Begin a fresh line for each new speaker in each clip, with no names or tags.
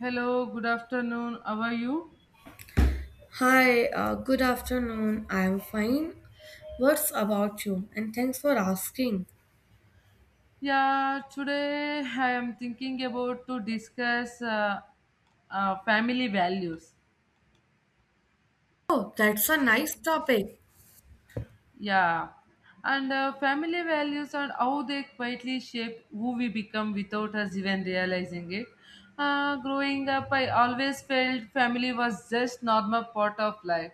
Hello, good afternoon. How are you?
Hi, good afternoon. I'm fine. What's about you? And thanks for asking.
Yeah, today I am thinking about to discuss family values.
Oh, that's a nice topic.
Yeah, and family values and how they quietly shape who we become without us even realizing it. Growing up, I always felt family was just normal part of life,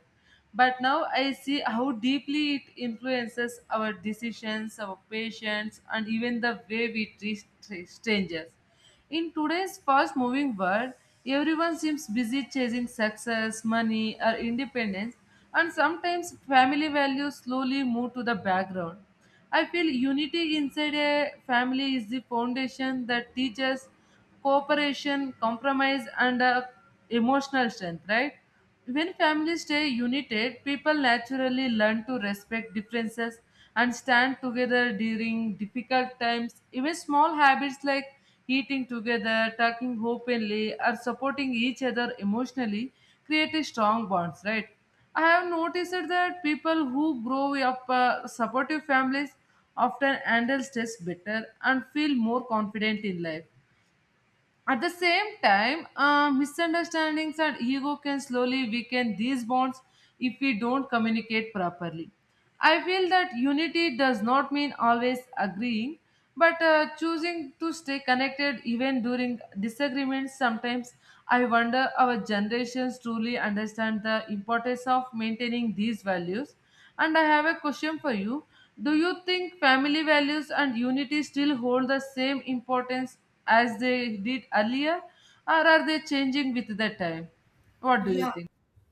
but now I see how deeply it influences our decisions, our patience, and even the way we treat strangers. In today's fast moving world, everyone seems busy chasing success, money, or independence, and sometimes family values slowly move to the background. I feel unity inside a family is the foundation that teaches cooperation, compromise, and emotional strength, right? When families stay united, people naturally learn to respect differences and stand together during difficult times. Even small habits like eating together, talking openly, or supporting each other emotionally create a strong bonds, right? I have noticed that people who grow up supportive families often handle stress better and feel more confident in life. At the same time, misunderstandings and ego can slowly weaken these bonds if we don't communicate properly. I feel that unity does not mean always agreeing, but choosing to stay connected even during disagreements. Sometimes I wonder our generations truly understand the importance of maintaining these values, and I have a question for you. Do you think family values and unity still hold the same importance as they did earlier, or are they changing with the time? What do you
Yeah,
think?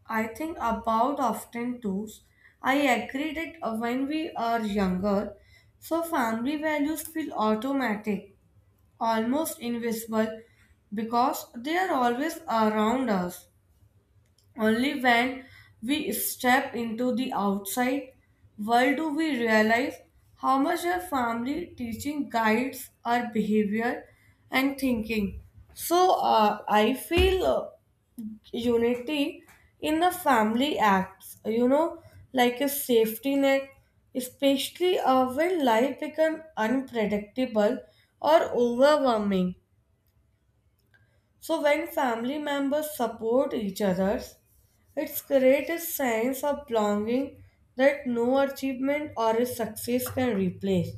I think about often too. I agree that when we are younger, so family values feel automatic, almost invisible, because they are always around us. Only when we step into the outside world do we realize how much our family teaching guides our behavior and thinking. So I feel unity in the family acts, you know, like a safety net, especially when life becomes unpredictable or overwhelming. So when family members support each other, it creates a sense of belonging that no achievement or a success can replace.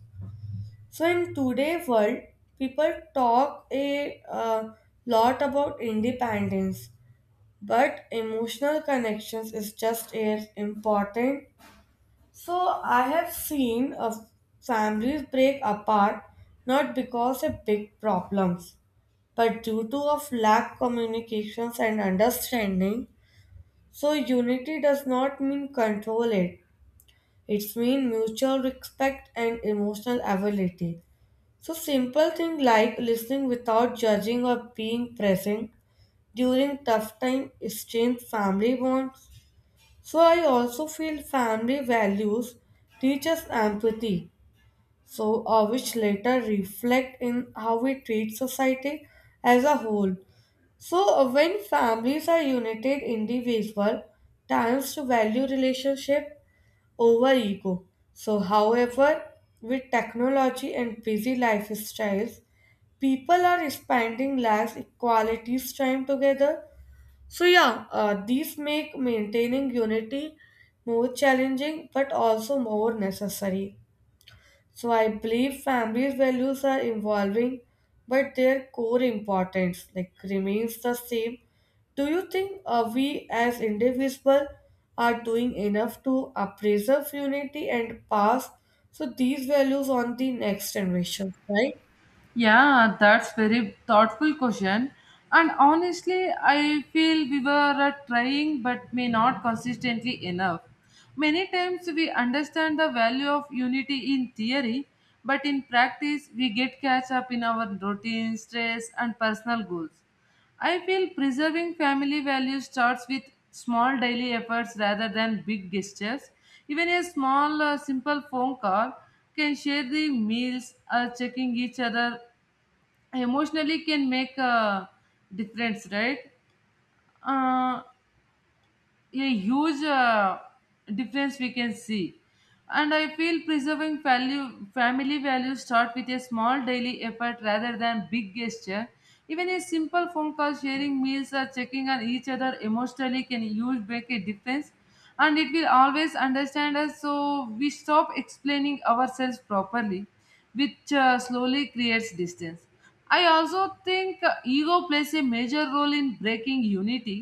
So in today's world, people talk a lot about independence, but emotional connections is just as important. So I have seen families break apart not because of big problems but due to of lack communications and understanding, so unity does not mean control it it's mean mutual respect and emotional ability. So simple thing like listening without judging or being present during tough time strength family bonds. So I also feel family values teach us empathy, so which later reflect in how we treat society as a whole. So, when families are united, individual tends to value relationship over ego. So, however, with technology and busy lifestyles, people are spending less quality time together. So, yeah, these make maintaining unity more challenging but also more necessary. So I believe families' values are evolving, but their core importance like remains the same. Do you think we as individuals are doing enough to preserve unity and pass so these values on the next generation, right?
Yeah, that's very thoughtful question. And honestly, I feel we were trying but may not consistently enough. Many times we understand the value of unity in theory, but in practice we get catch up in our routine, stress, and personal goals. I feel preserving family values starts with small daily efforts rather than big gestures. Even a small, simple phone call can share the meals, checking each other emotionally can make a difference, right? Uh, a huge difference we can see. And I feel preserving value, family values start with a small daily effort rather than big gesture. Even a simple phone call, sharing meals or checking on each other emotionally can huge make a difference, and it will always understand us, so we stop explaining ourselves properly, which slowly creates distance. I also think ego plays a major role in breaking unity,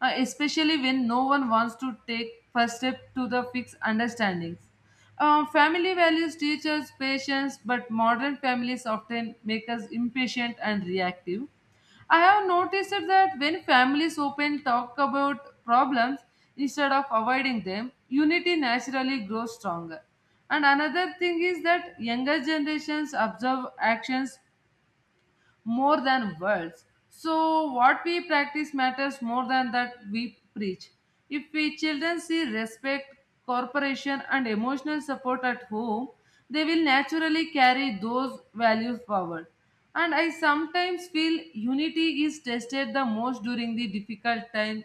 especially when no one wants to take first step to the fixed understandings. Family values teach us patience, but modern families often make us impatient and reactive. I have noticed that when families open talk about problems instead of avoiding them, unity naturally grows stronger. And another thing is that younger generations observe actions more than words. So, what we practice matters more than that we preach. If we children see respect, cooperation, and emotional support at home, they will naturally carry those values forward. And I sometimes feel unity is tested the most during the difficult times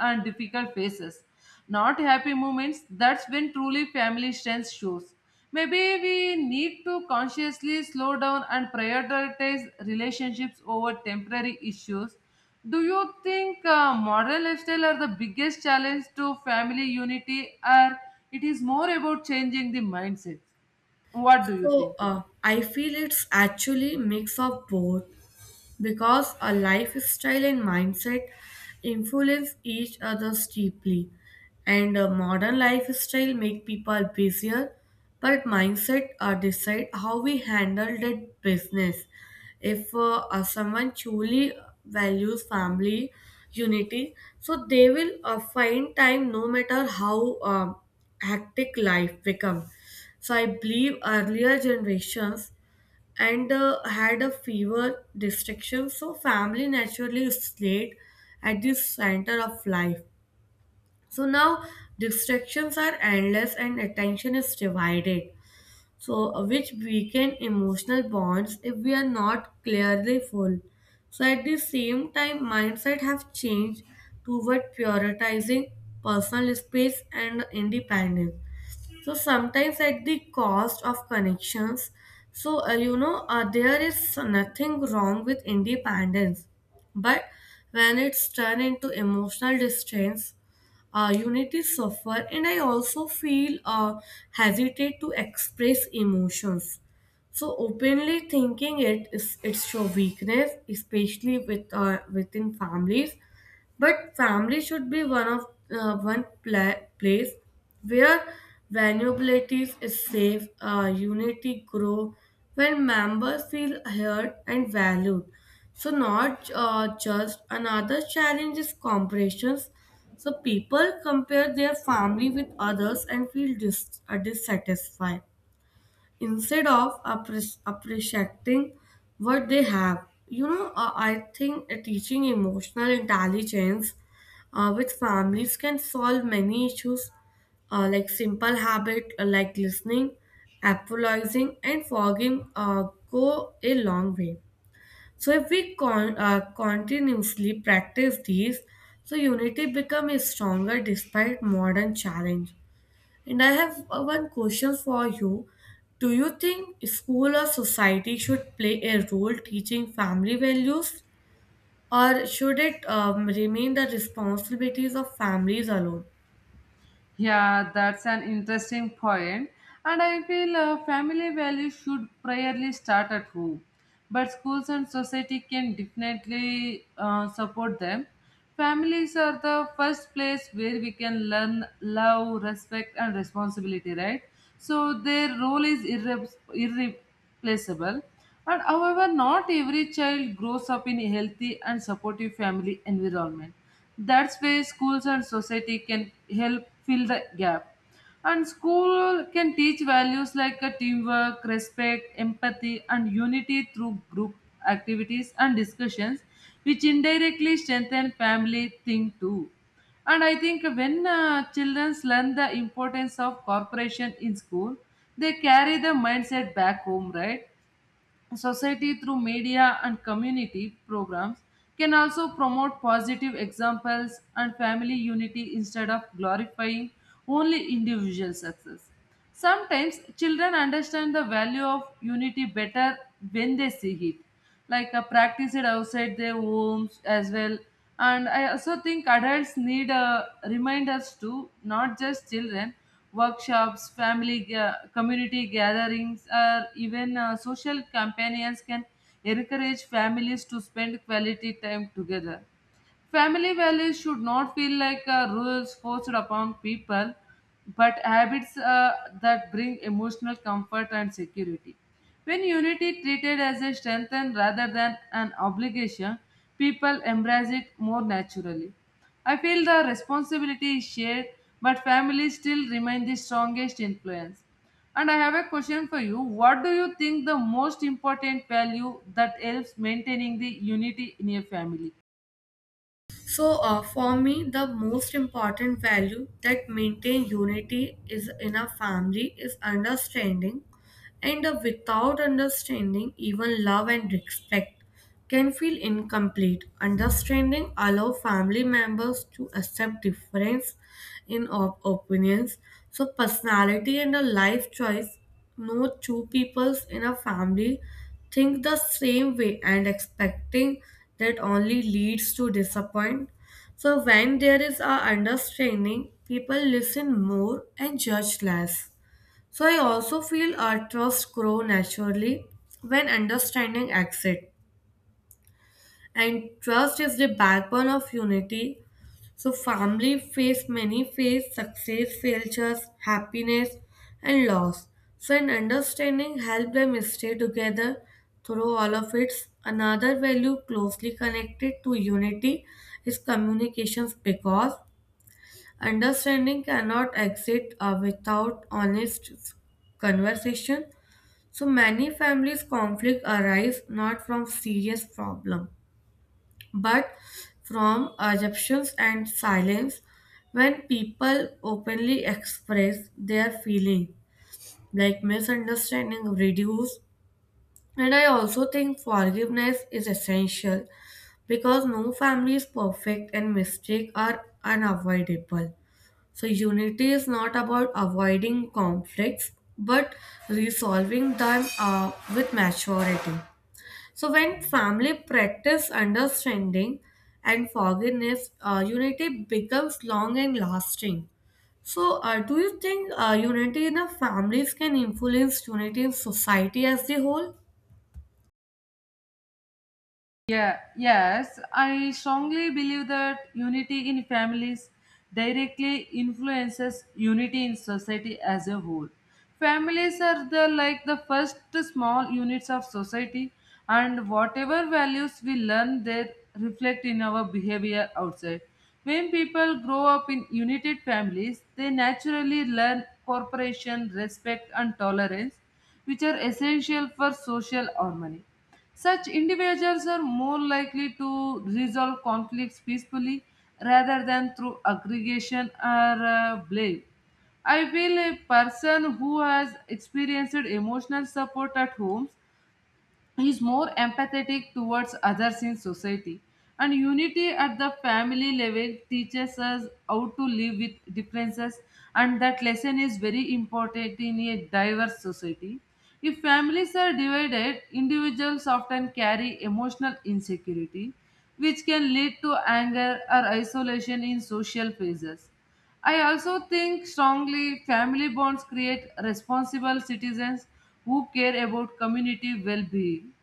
and difficult phases. Not happy moments, that's when truly family strength shows. Maybe we need to consciously slow down and prioritize relationships over temporary issues. Do you think modern lifestyle are the biggest challenge to family unity, or it is more about changing the mindset? What do you
So
think?
uh, I feel it's actually mix of both, because our lifestyle and mindset influence each other deeply, and a modern lifestyle make people busier, but mindset decide how we handle that business. If someone truly values family unity, so they will find time no matter how hectic life become. So I believe earlier generations and had a fever restriction, so family naturally is late at the center of life. So now distractions are endless and attention is divided, so which weaken emotional bonds if we are not clearly full. So at the same time mindset have changed toward prioritizing personal space and independence, so sometimes at the cost of connections. So you know, there is nothing wrong with independence, but when it's turned into emotional distance, unity suffer. And I also feel hesitate to express emotions so openly, thinking it's your weakness, especially with within families. But family should be one of one place where vulnerabilities is safe, unity grow when members feel heard and valued. So not just another challenge is comparisons. So people compare their family with others and feel dissatisfied instead of appreciating what they have. You know, I think teaching emotional intelligence with families can solve many issues, like simple habit like listening, apologizing, and forgiving go a long way. So if we continuously practice these, so unity become is stronger despite modern challenge. And I have one question for you. Do you think school or society should play a role teaching family values, or should it remain the responsibilities of families alone?
Yeah, that's an interesting point. And I feel family values should primarily start at home. But schools and society can definitely support them. Families are the first place where we can learn love, respect, and responsibility, right? So their role is irreplaceable. And however, not every child grows up in a healthy and supportive family environment. That's where schools and society can help fill the gap. And school can teach values like teamwork, respect, empathy, and unity through group activities and discussions, which indirectly strengthen family thing too. And I think when children learn the importance of cooperation in school, they carry the mindset back home, right? Society through media and community programs can also promote positive examples and family unity instead of glorifying only individual success. Sometimes children understand the value of unity better when they see it, like practice it outside their homes as well. And I also think adults need reminders too, not just children. Workshops, family, community gatherings, or even social companions can encourage families to spend quality time together. Family values should not feel like rules forced upon people, but habits that bring emotional comfort and security. When unity treated as a strength and rather than an obligation, people embrace it more naturally. I feel the responsibility is shared, but families still remain the strongest influence. And I have a question for you. What do you think the most important value that helps maintaining the unity in a family?
So, for me, the most important value that maintain unity is in a family is understanding, and without understanding, even love and respect can feel incomplete. Understanding allow family members to accept difference in opinions, so personality and a life choice. No two peoples in a family think the same way, and expecting that only leads to disappointment. So when there is a understanding, people listen more and judge less. So I also feel our trust grow naturally when understanding exists, and trust is the backbone of unity. So family face many face success, failures, happiness and loss. So an understanding help them stay together through all of it. Another value closely connected to unity is communications, because understanding cannot exist without honest conversation. So many families conflict arise not from serious problem but from assumptions and silence. When people openly express their feeling, like misunderstanding reduce. And I also think forgiveness is essential because no family is perfect and mistakes are unavoidable. So unity is not about avoiding conflicts but resolving them with maturity. So when family practice understanding and forgiveness, unity becomes long and lasting. So do you think unity in the families can influence unity in society as the whole?
Yeah, yes, I strongly believe that unity in families directly influences unity in society as a whole. Families are the like the first small units of society, and whatever values we learn there reflect in our behavior outside. When people grow up in united families, they naturally learn cooperation, respect and tolerance, which are essential for social harmony. Such individuals are more likely to resolve conflicts peacefully rather than through aggregation or blame. I feel a person who has experienced emotional support at home, he is more empathetic towards others in society, and unity at the family level teaches us how to live with differences, and that lesson is very important in a diverse society. If families are divided, individuals often carry emotional insecurity, which can lead to anger or isolation in social phases. I also think strongly family bonds create responsible citizens who care about community well being.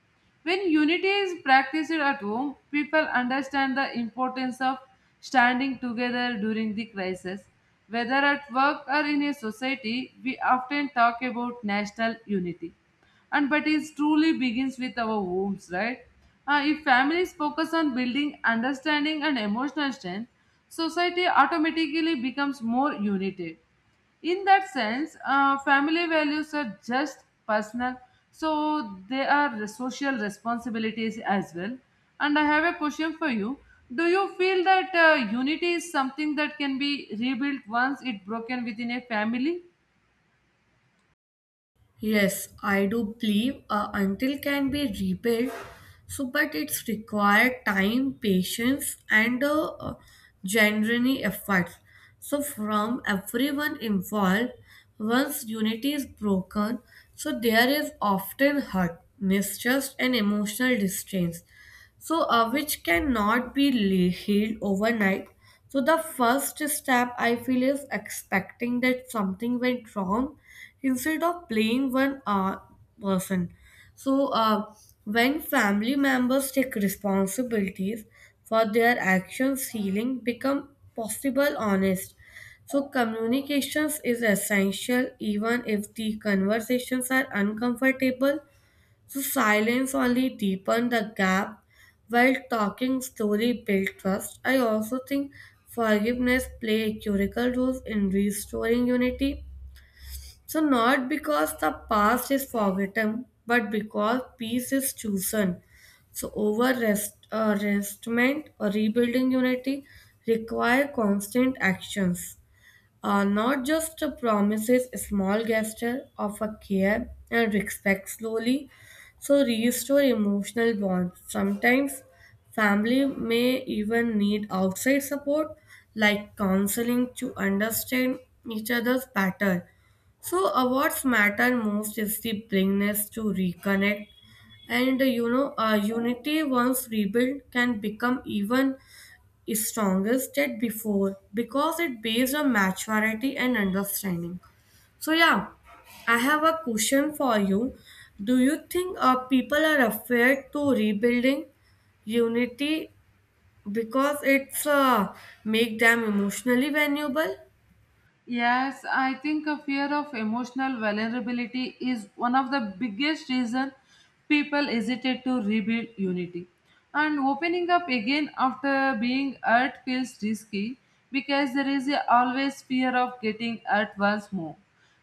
When unity is practiced at home, people understand the importance of standing together during the crisis. Whether at work or in a society, we often talk about national unity. And but it truly begins with our homes, right? If families focus on building understanding and emotional strength, society automatically becomes more united. In that sense, family values are just personal, so they are social responsibilities as well. And I have a question for you. Do you feel that unity is something that can be rebuilt once it broken within a family?
Yes, I do believe a until can be rebuilt. So, but it's required time, patience, and a, genuine effort. So, from everyone involved, once unity is broken, so there is often hurt, mistrust, and emotional distance, so which cannot be healed overnight. So the first step I feel is expecting that something went wrong instead of blaming one person. So when family members take responsibilities for their actions, healing become possible honest. So communications is essential even if the conversations are uncomfortable. So silence only deepened the gap while talking story built trust. I also think forgiveness play a critical role in restoring unity. So not because the past is forgotten, but because peace is chosen. So over restment or rebuilding unity require constant actions are not just promises, a small gesture of a care and respect slowly. So restore emotional bonds. Sometimes family may even need outside support like counseling to understand each other's pattern. So what's matter most is the willingness to reconnect, and you know, unity once rebuilt can become even is strongest at before because it based on maturity and understanding. So yeah, I have a question for you. Do you think people are afraid to rebuilding unity because it's make them emotionally vulnerable?
Yes, I think a fear of emotional vulnerability is one of the biggest reason people hesitate to rebuild unity. And opening up again after being hurt feels risky because there is a always fear of getting hurt once more.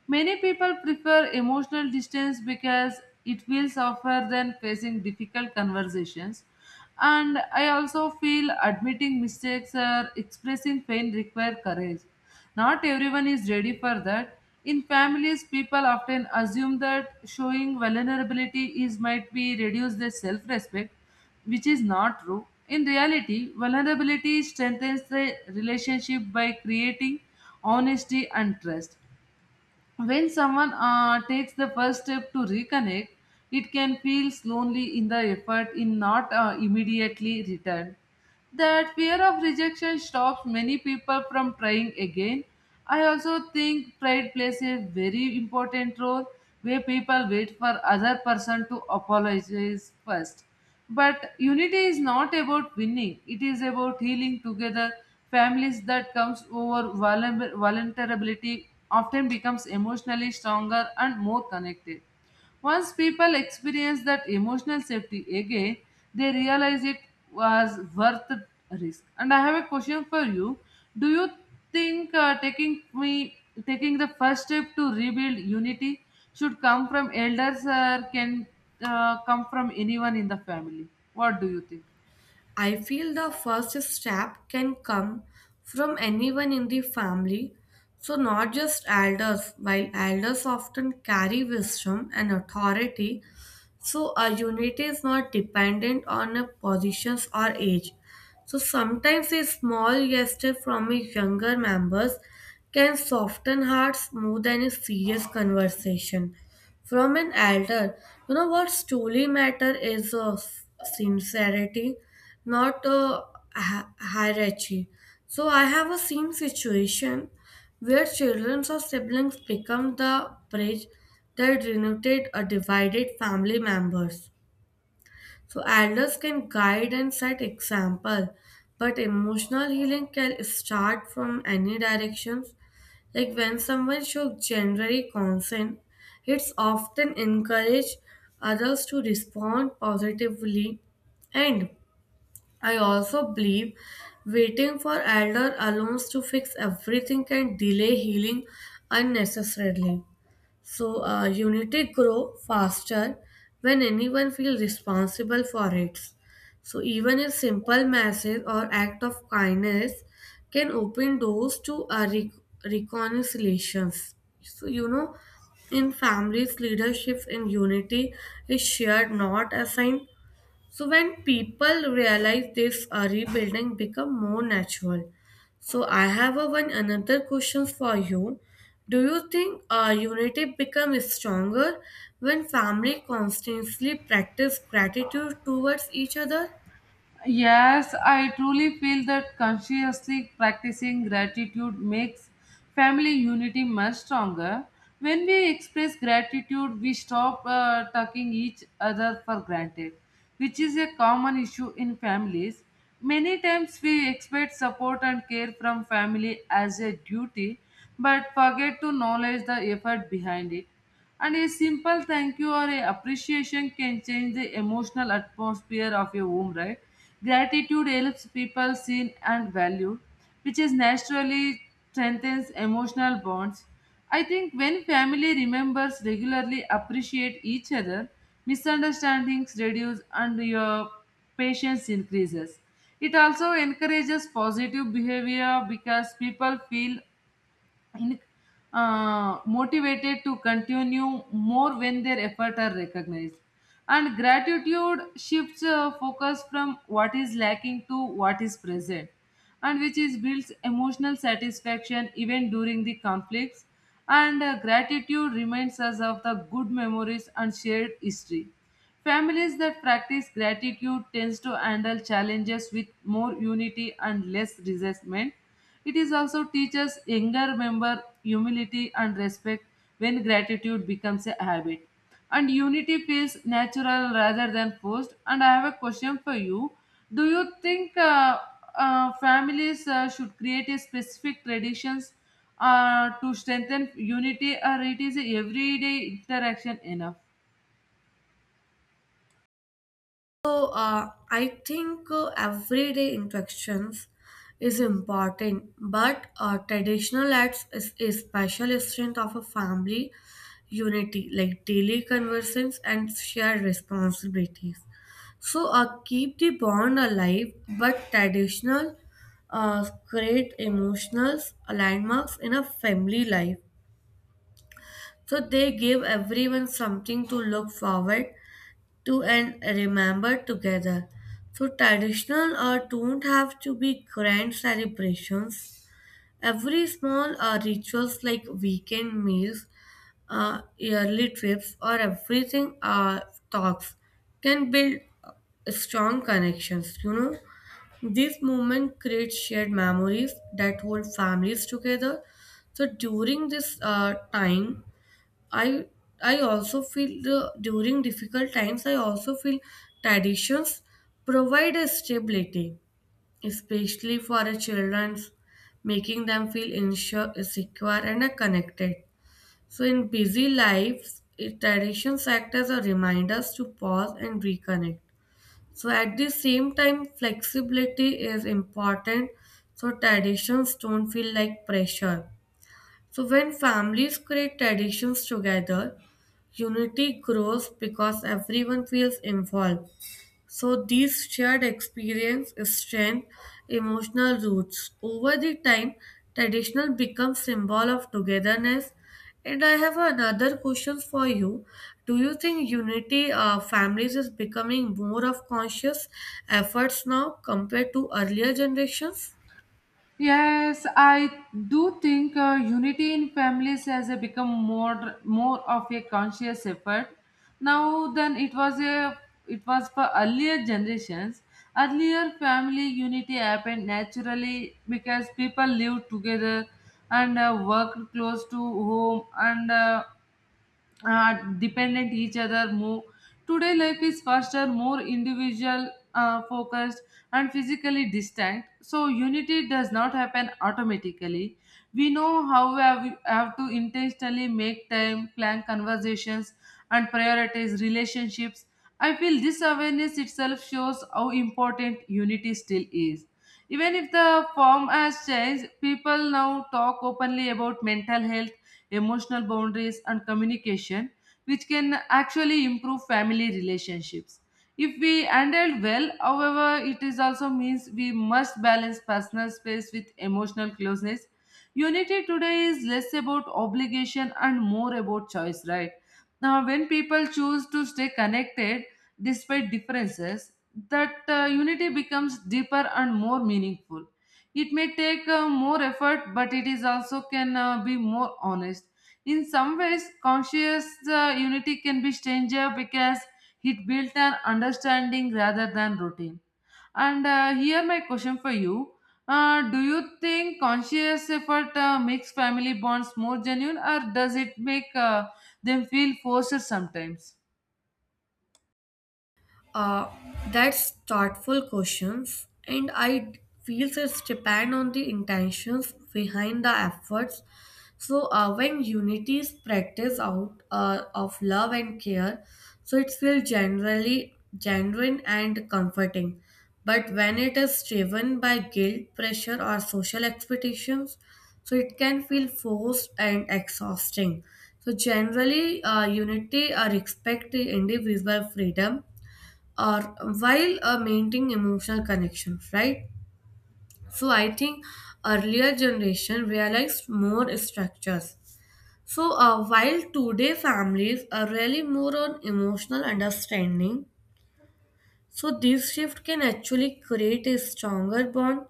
Many people prefer emotional distance because it feels safer than facing difficult conversations. And I also feel admitting mistakes or expressing pain require courage. Not everyone is ready for that. In families, people often assume that showing vulnerability is might be reduce their self-respect, which is not true. In reality, vulnerability strengthens the relationship by creating honesty and trust. When someone takes the first step to reconnect, it can feel lonely in the effort in not immediately return. That fear of rejection stops many people from trying again. I also think pride plays a very important role where people wait for other person to apologize first. But unity is not about winning, it is about healing together. Families that comes over vulnerability often becomes emotionally stronger and more connected. Once people experience that emotional safety again, they realize it was worth the risk. And I have a question for you. Do you think taking the first step to rebuild unity should come from elders or can come from anyone in the family. What do you think?
I feel the first step can come from anyone in the family, so not just elders. While elders often carry wisdom and authority, so our unity is not dependent on a positions or age. So sometimes a small gesture from a younger members can soften hearts more than a serious conversation from an elder. You know what truly matter is sincerity, not hierarchy. So I have a same situation where children or siblings become the bridge that united a divided family members. So elders can guide and set example, but emotional healing can start from any directions. Like when someone shows generally consent, it's often encourage others to respond positively. And I also believe waiting for elder alums to fix everything can delay healing unnecessarily. So, unity grow faster when anyone feels responsible for it. So, even a simple message or act of kindness can open doors to reconciliations. So, you know, in families, leadership in unity is shared, not assigned. So when people realize this, rebuilding become more natural. So I have a one another questions for you. Do you think unity become stronger when family constantly practice gratitude towards each other?
Yes, I truly feel that consciously practicing gratitude makes family unity much stronger. When we express gratitude, we stop taking each other for granted, which is a common issue in families. Many times we expect support and care from family as a duty, but forget to acknowledge the effort behind it. And a simple thank you or a appreciation can change the emotional atmosphere of your home, right? Gratitude helps people seen and valued, which is naturally strengthens emotional bonds. I think when family members regularly appreciate each other, misunderstandings reduce and your patience increases. It also encourages positive behavior because people feel in, motivated to continue more when their efforts are recognized. And gratitude shifts focus from what is lacking to what is present, and which is builds emotional satisfaction even during the conflicts. And gratitude reminds us of the good memories and shared history. Families that practice gratitude tends to handle challenges with more unity and less resentment. It is also teaches younger member humility and respect when gratitude becomes a habit. And unity feels natural rather than forced. And I have a question for you. Do you think families should create a specific traditions to strengthen unity or it is everyday interaction enough?
So, I think everyday interactions is important, but traditional acts is a special strength of a family unity, like daily conversations and shared responsibilities. So, keep the bond alive, but traditional create emotional landmarks in a family life. So, they give everyone something to look forward to and remember together. So traditional or don't have to be grand celebrations. Every small rituals like weekend meals, yearly trips, or everything talks can build strong connections. You know, this moment creates shared memories that hold families together. So during this time, I I also feel the, during difficult times I also feel traditions provide a stability, especially for a children's, making them feel insure, secure and connected. So in busy lives, it, traditions act as a reminders to pause and reconnect. So at the same time, flexibility is important so traditions don't feel like pressure. So when families create traditions together, unity grows because everyone feels involved. So these shared experience strengthen emotional roots. Over the time, traditional becomes symbol of togetherness. And I have another question for you. Do you think unity families is becoming more of conscious efforts now compared to earlier generations?
Yes, I do think unity in families has become more of a conscious effort now than it was for earlier generations. Earlier, family unity happened naturally because people lived together and worked close to home and dependent each other more. Today life is faster, more individual focused and physically distant, so unity does not happen automatically. We know how we have to intentionally make time, plan conversations and prioritize relationships. I feel this awareness itself shows how important unity still is even if the form has changed. People now talk openly about mental health, emotional boundaries and communication, which can actually improve family relationships if we handle well. However, it is also means we must balance personal space with emotional closeness. Unity today is less about obligation and more about choice, right? Now when people choose to stay connected despite differences, that unity becomes deeper and more meaningful. It may take more effort, but it is also can be more honest. In some ways, conscious unity can be stranger because it built an understanding rather than routine. And here my question for you. Do you think conscious effort makes family bonds more genuine or does it make them feel forced sometimes?
Uh, that's thoughtful questions, and I feels it's depend on the intentions behind the efforts. So when unity is practiced out of love and care, so it feels generally genuine and comforting. But when it is driven by guilt, pressure, or social expectations, so it can feel forced and exhausting. So generally, unity respect the individual freedom or while maintaining emotional connection, right? So I think earlier generation realized more structures. So while today families are really more on emotional understanding, so this shift can actually create a stronger bond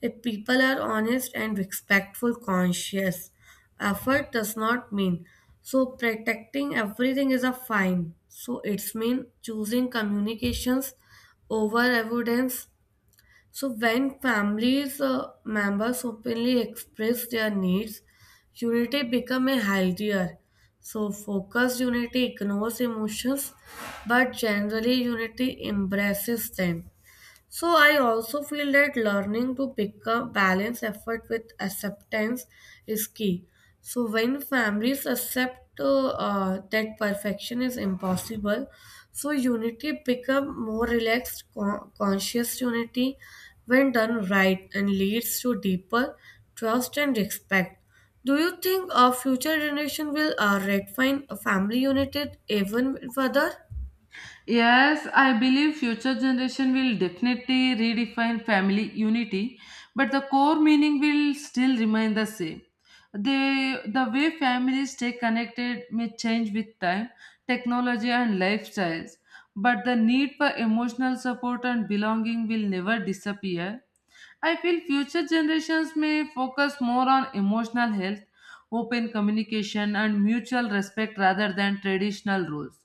if people are honest and respectful conscious. Effort does not mean so protecting everything is a fine. So it's mean choosing communications over evidence. So when families members openly express their needs, unity become a healthier. So focused unity ignores emotions, but generally unity embraces them. So I also feel that learning to pick up balance effort with acceptance is key. So when families accept that perfection is impossible, so unity become more relaxed, conscious unity when done right and leads to deeper trust and respect. Do you think our future generation will redefine family unity even further?
Yes, I believe future generation will definitely redefine family unity, but the core meaning will still remain the same. The way families stay connected may change with time, technology and lifestyles, but the need for emotional support and belonging will never disappear. I feel future generations may focus more on emotional health, open communication, and mutual respect rather than traditional rules.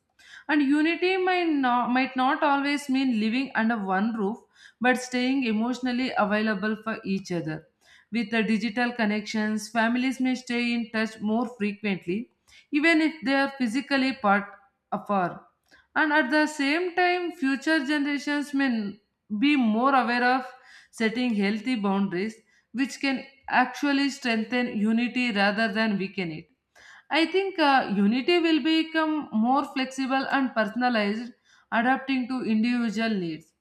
And unity might not always mean living under one roof, but staying emotionally available for each other. With the digital connections, families may stay in touch more frequently, even if they are physically part afar. And at the same time, future generations be more aware of setting healthy boundaries, which can actually strengthen unity rather than weaken it. I think unity will become more flexible and personalized, adapting to individual needs.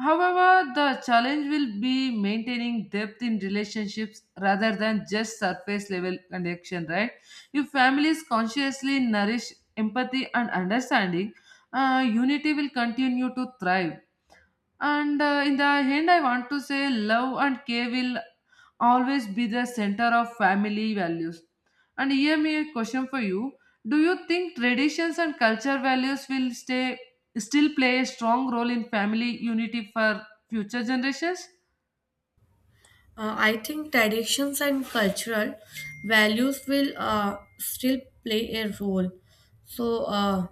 However, the challenge will be maintaining depth in relationships rather than just surface level connection, right? If families consciously nourish empathy and understanding, unity will continue to thrive. And in the end, I want to say love and care will always be the center of family values. And here me a question for you. Do you think traditions and culture values will stay still play a strong role in family unity for future generations?
I think traditions and cultural values will still play a role. So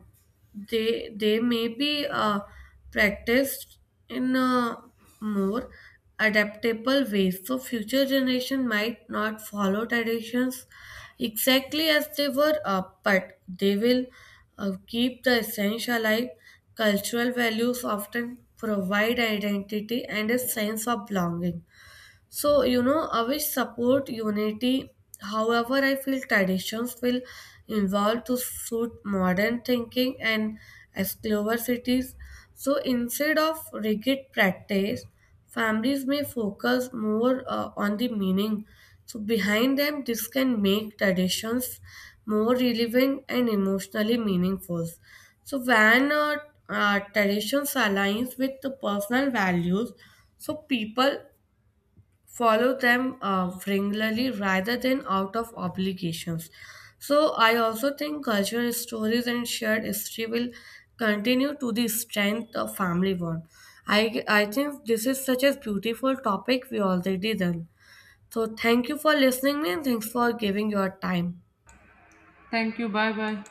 they may be practiced in a more adaptable ways. So future generation might not follow traditions exactly as they were, but they will keep the essence alive. Cultural values often provide identity and a sense of belonging. So, you know, I support unity. However, I feel traditions will evolve to suit modern thinking and as cities. So, instead of rigid practice, families may focus more on the meaning. So, behind them, this can make traditions more relevant and emotionally meaningful. So, when traditions aligns with the personal values, so people follow them regularly rather than out of obligations. So I also think cultural stories and shared history will continue to the strength of family bond. I think this is such a beautiful topic we already done. So thank you for listening me and thanks for giving your time.
Thank you. Bye bye.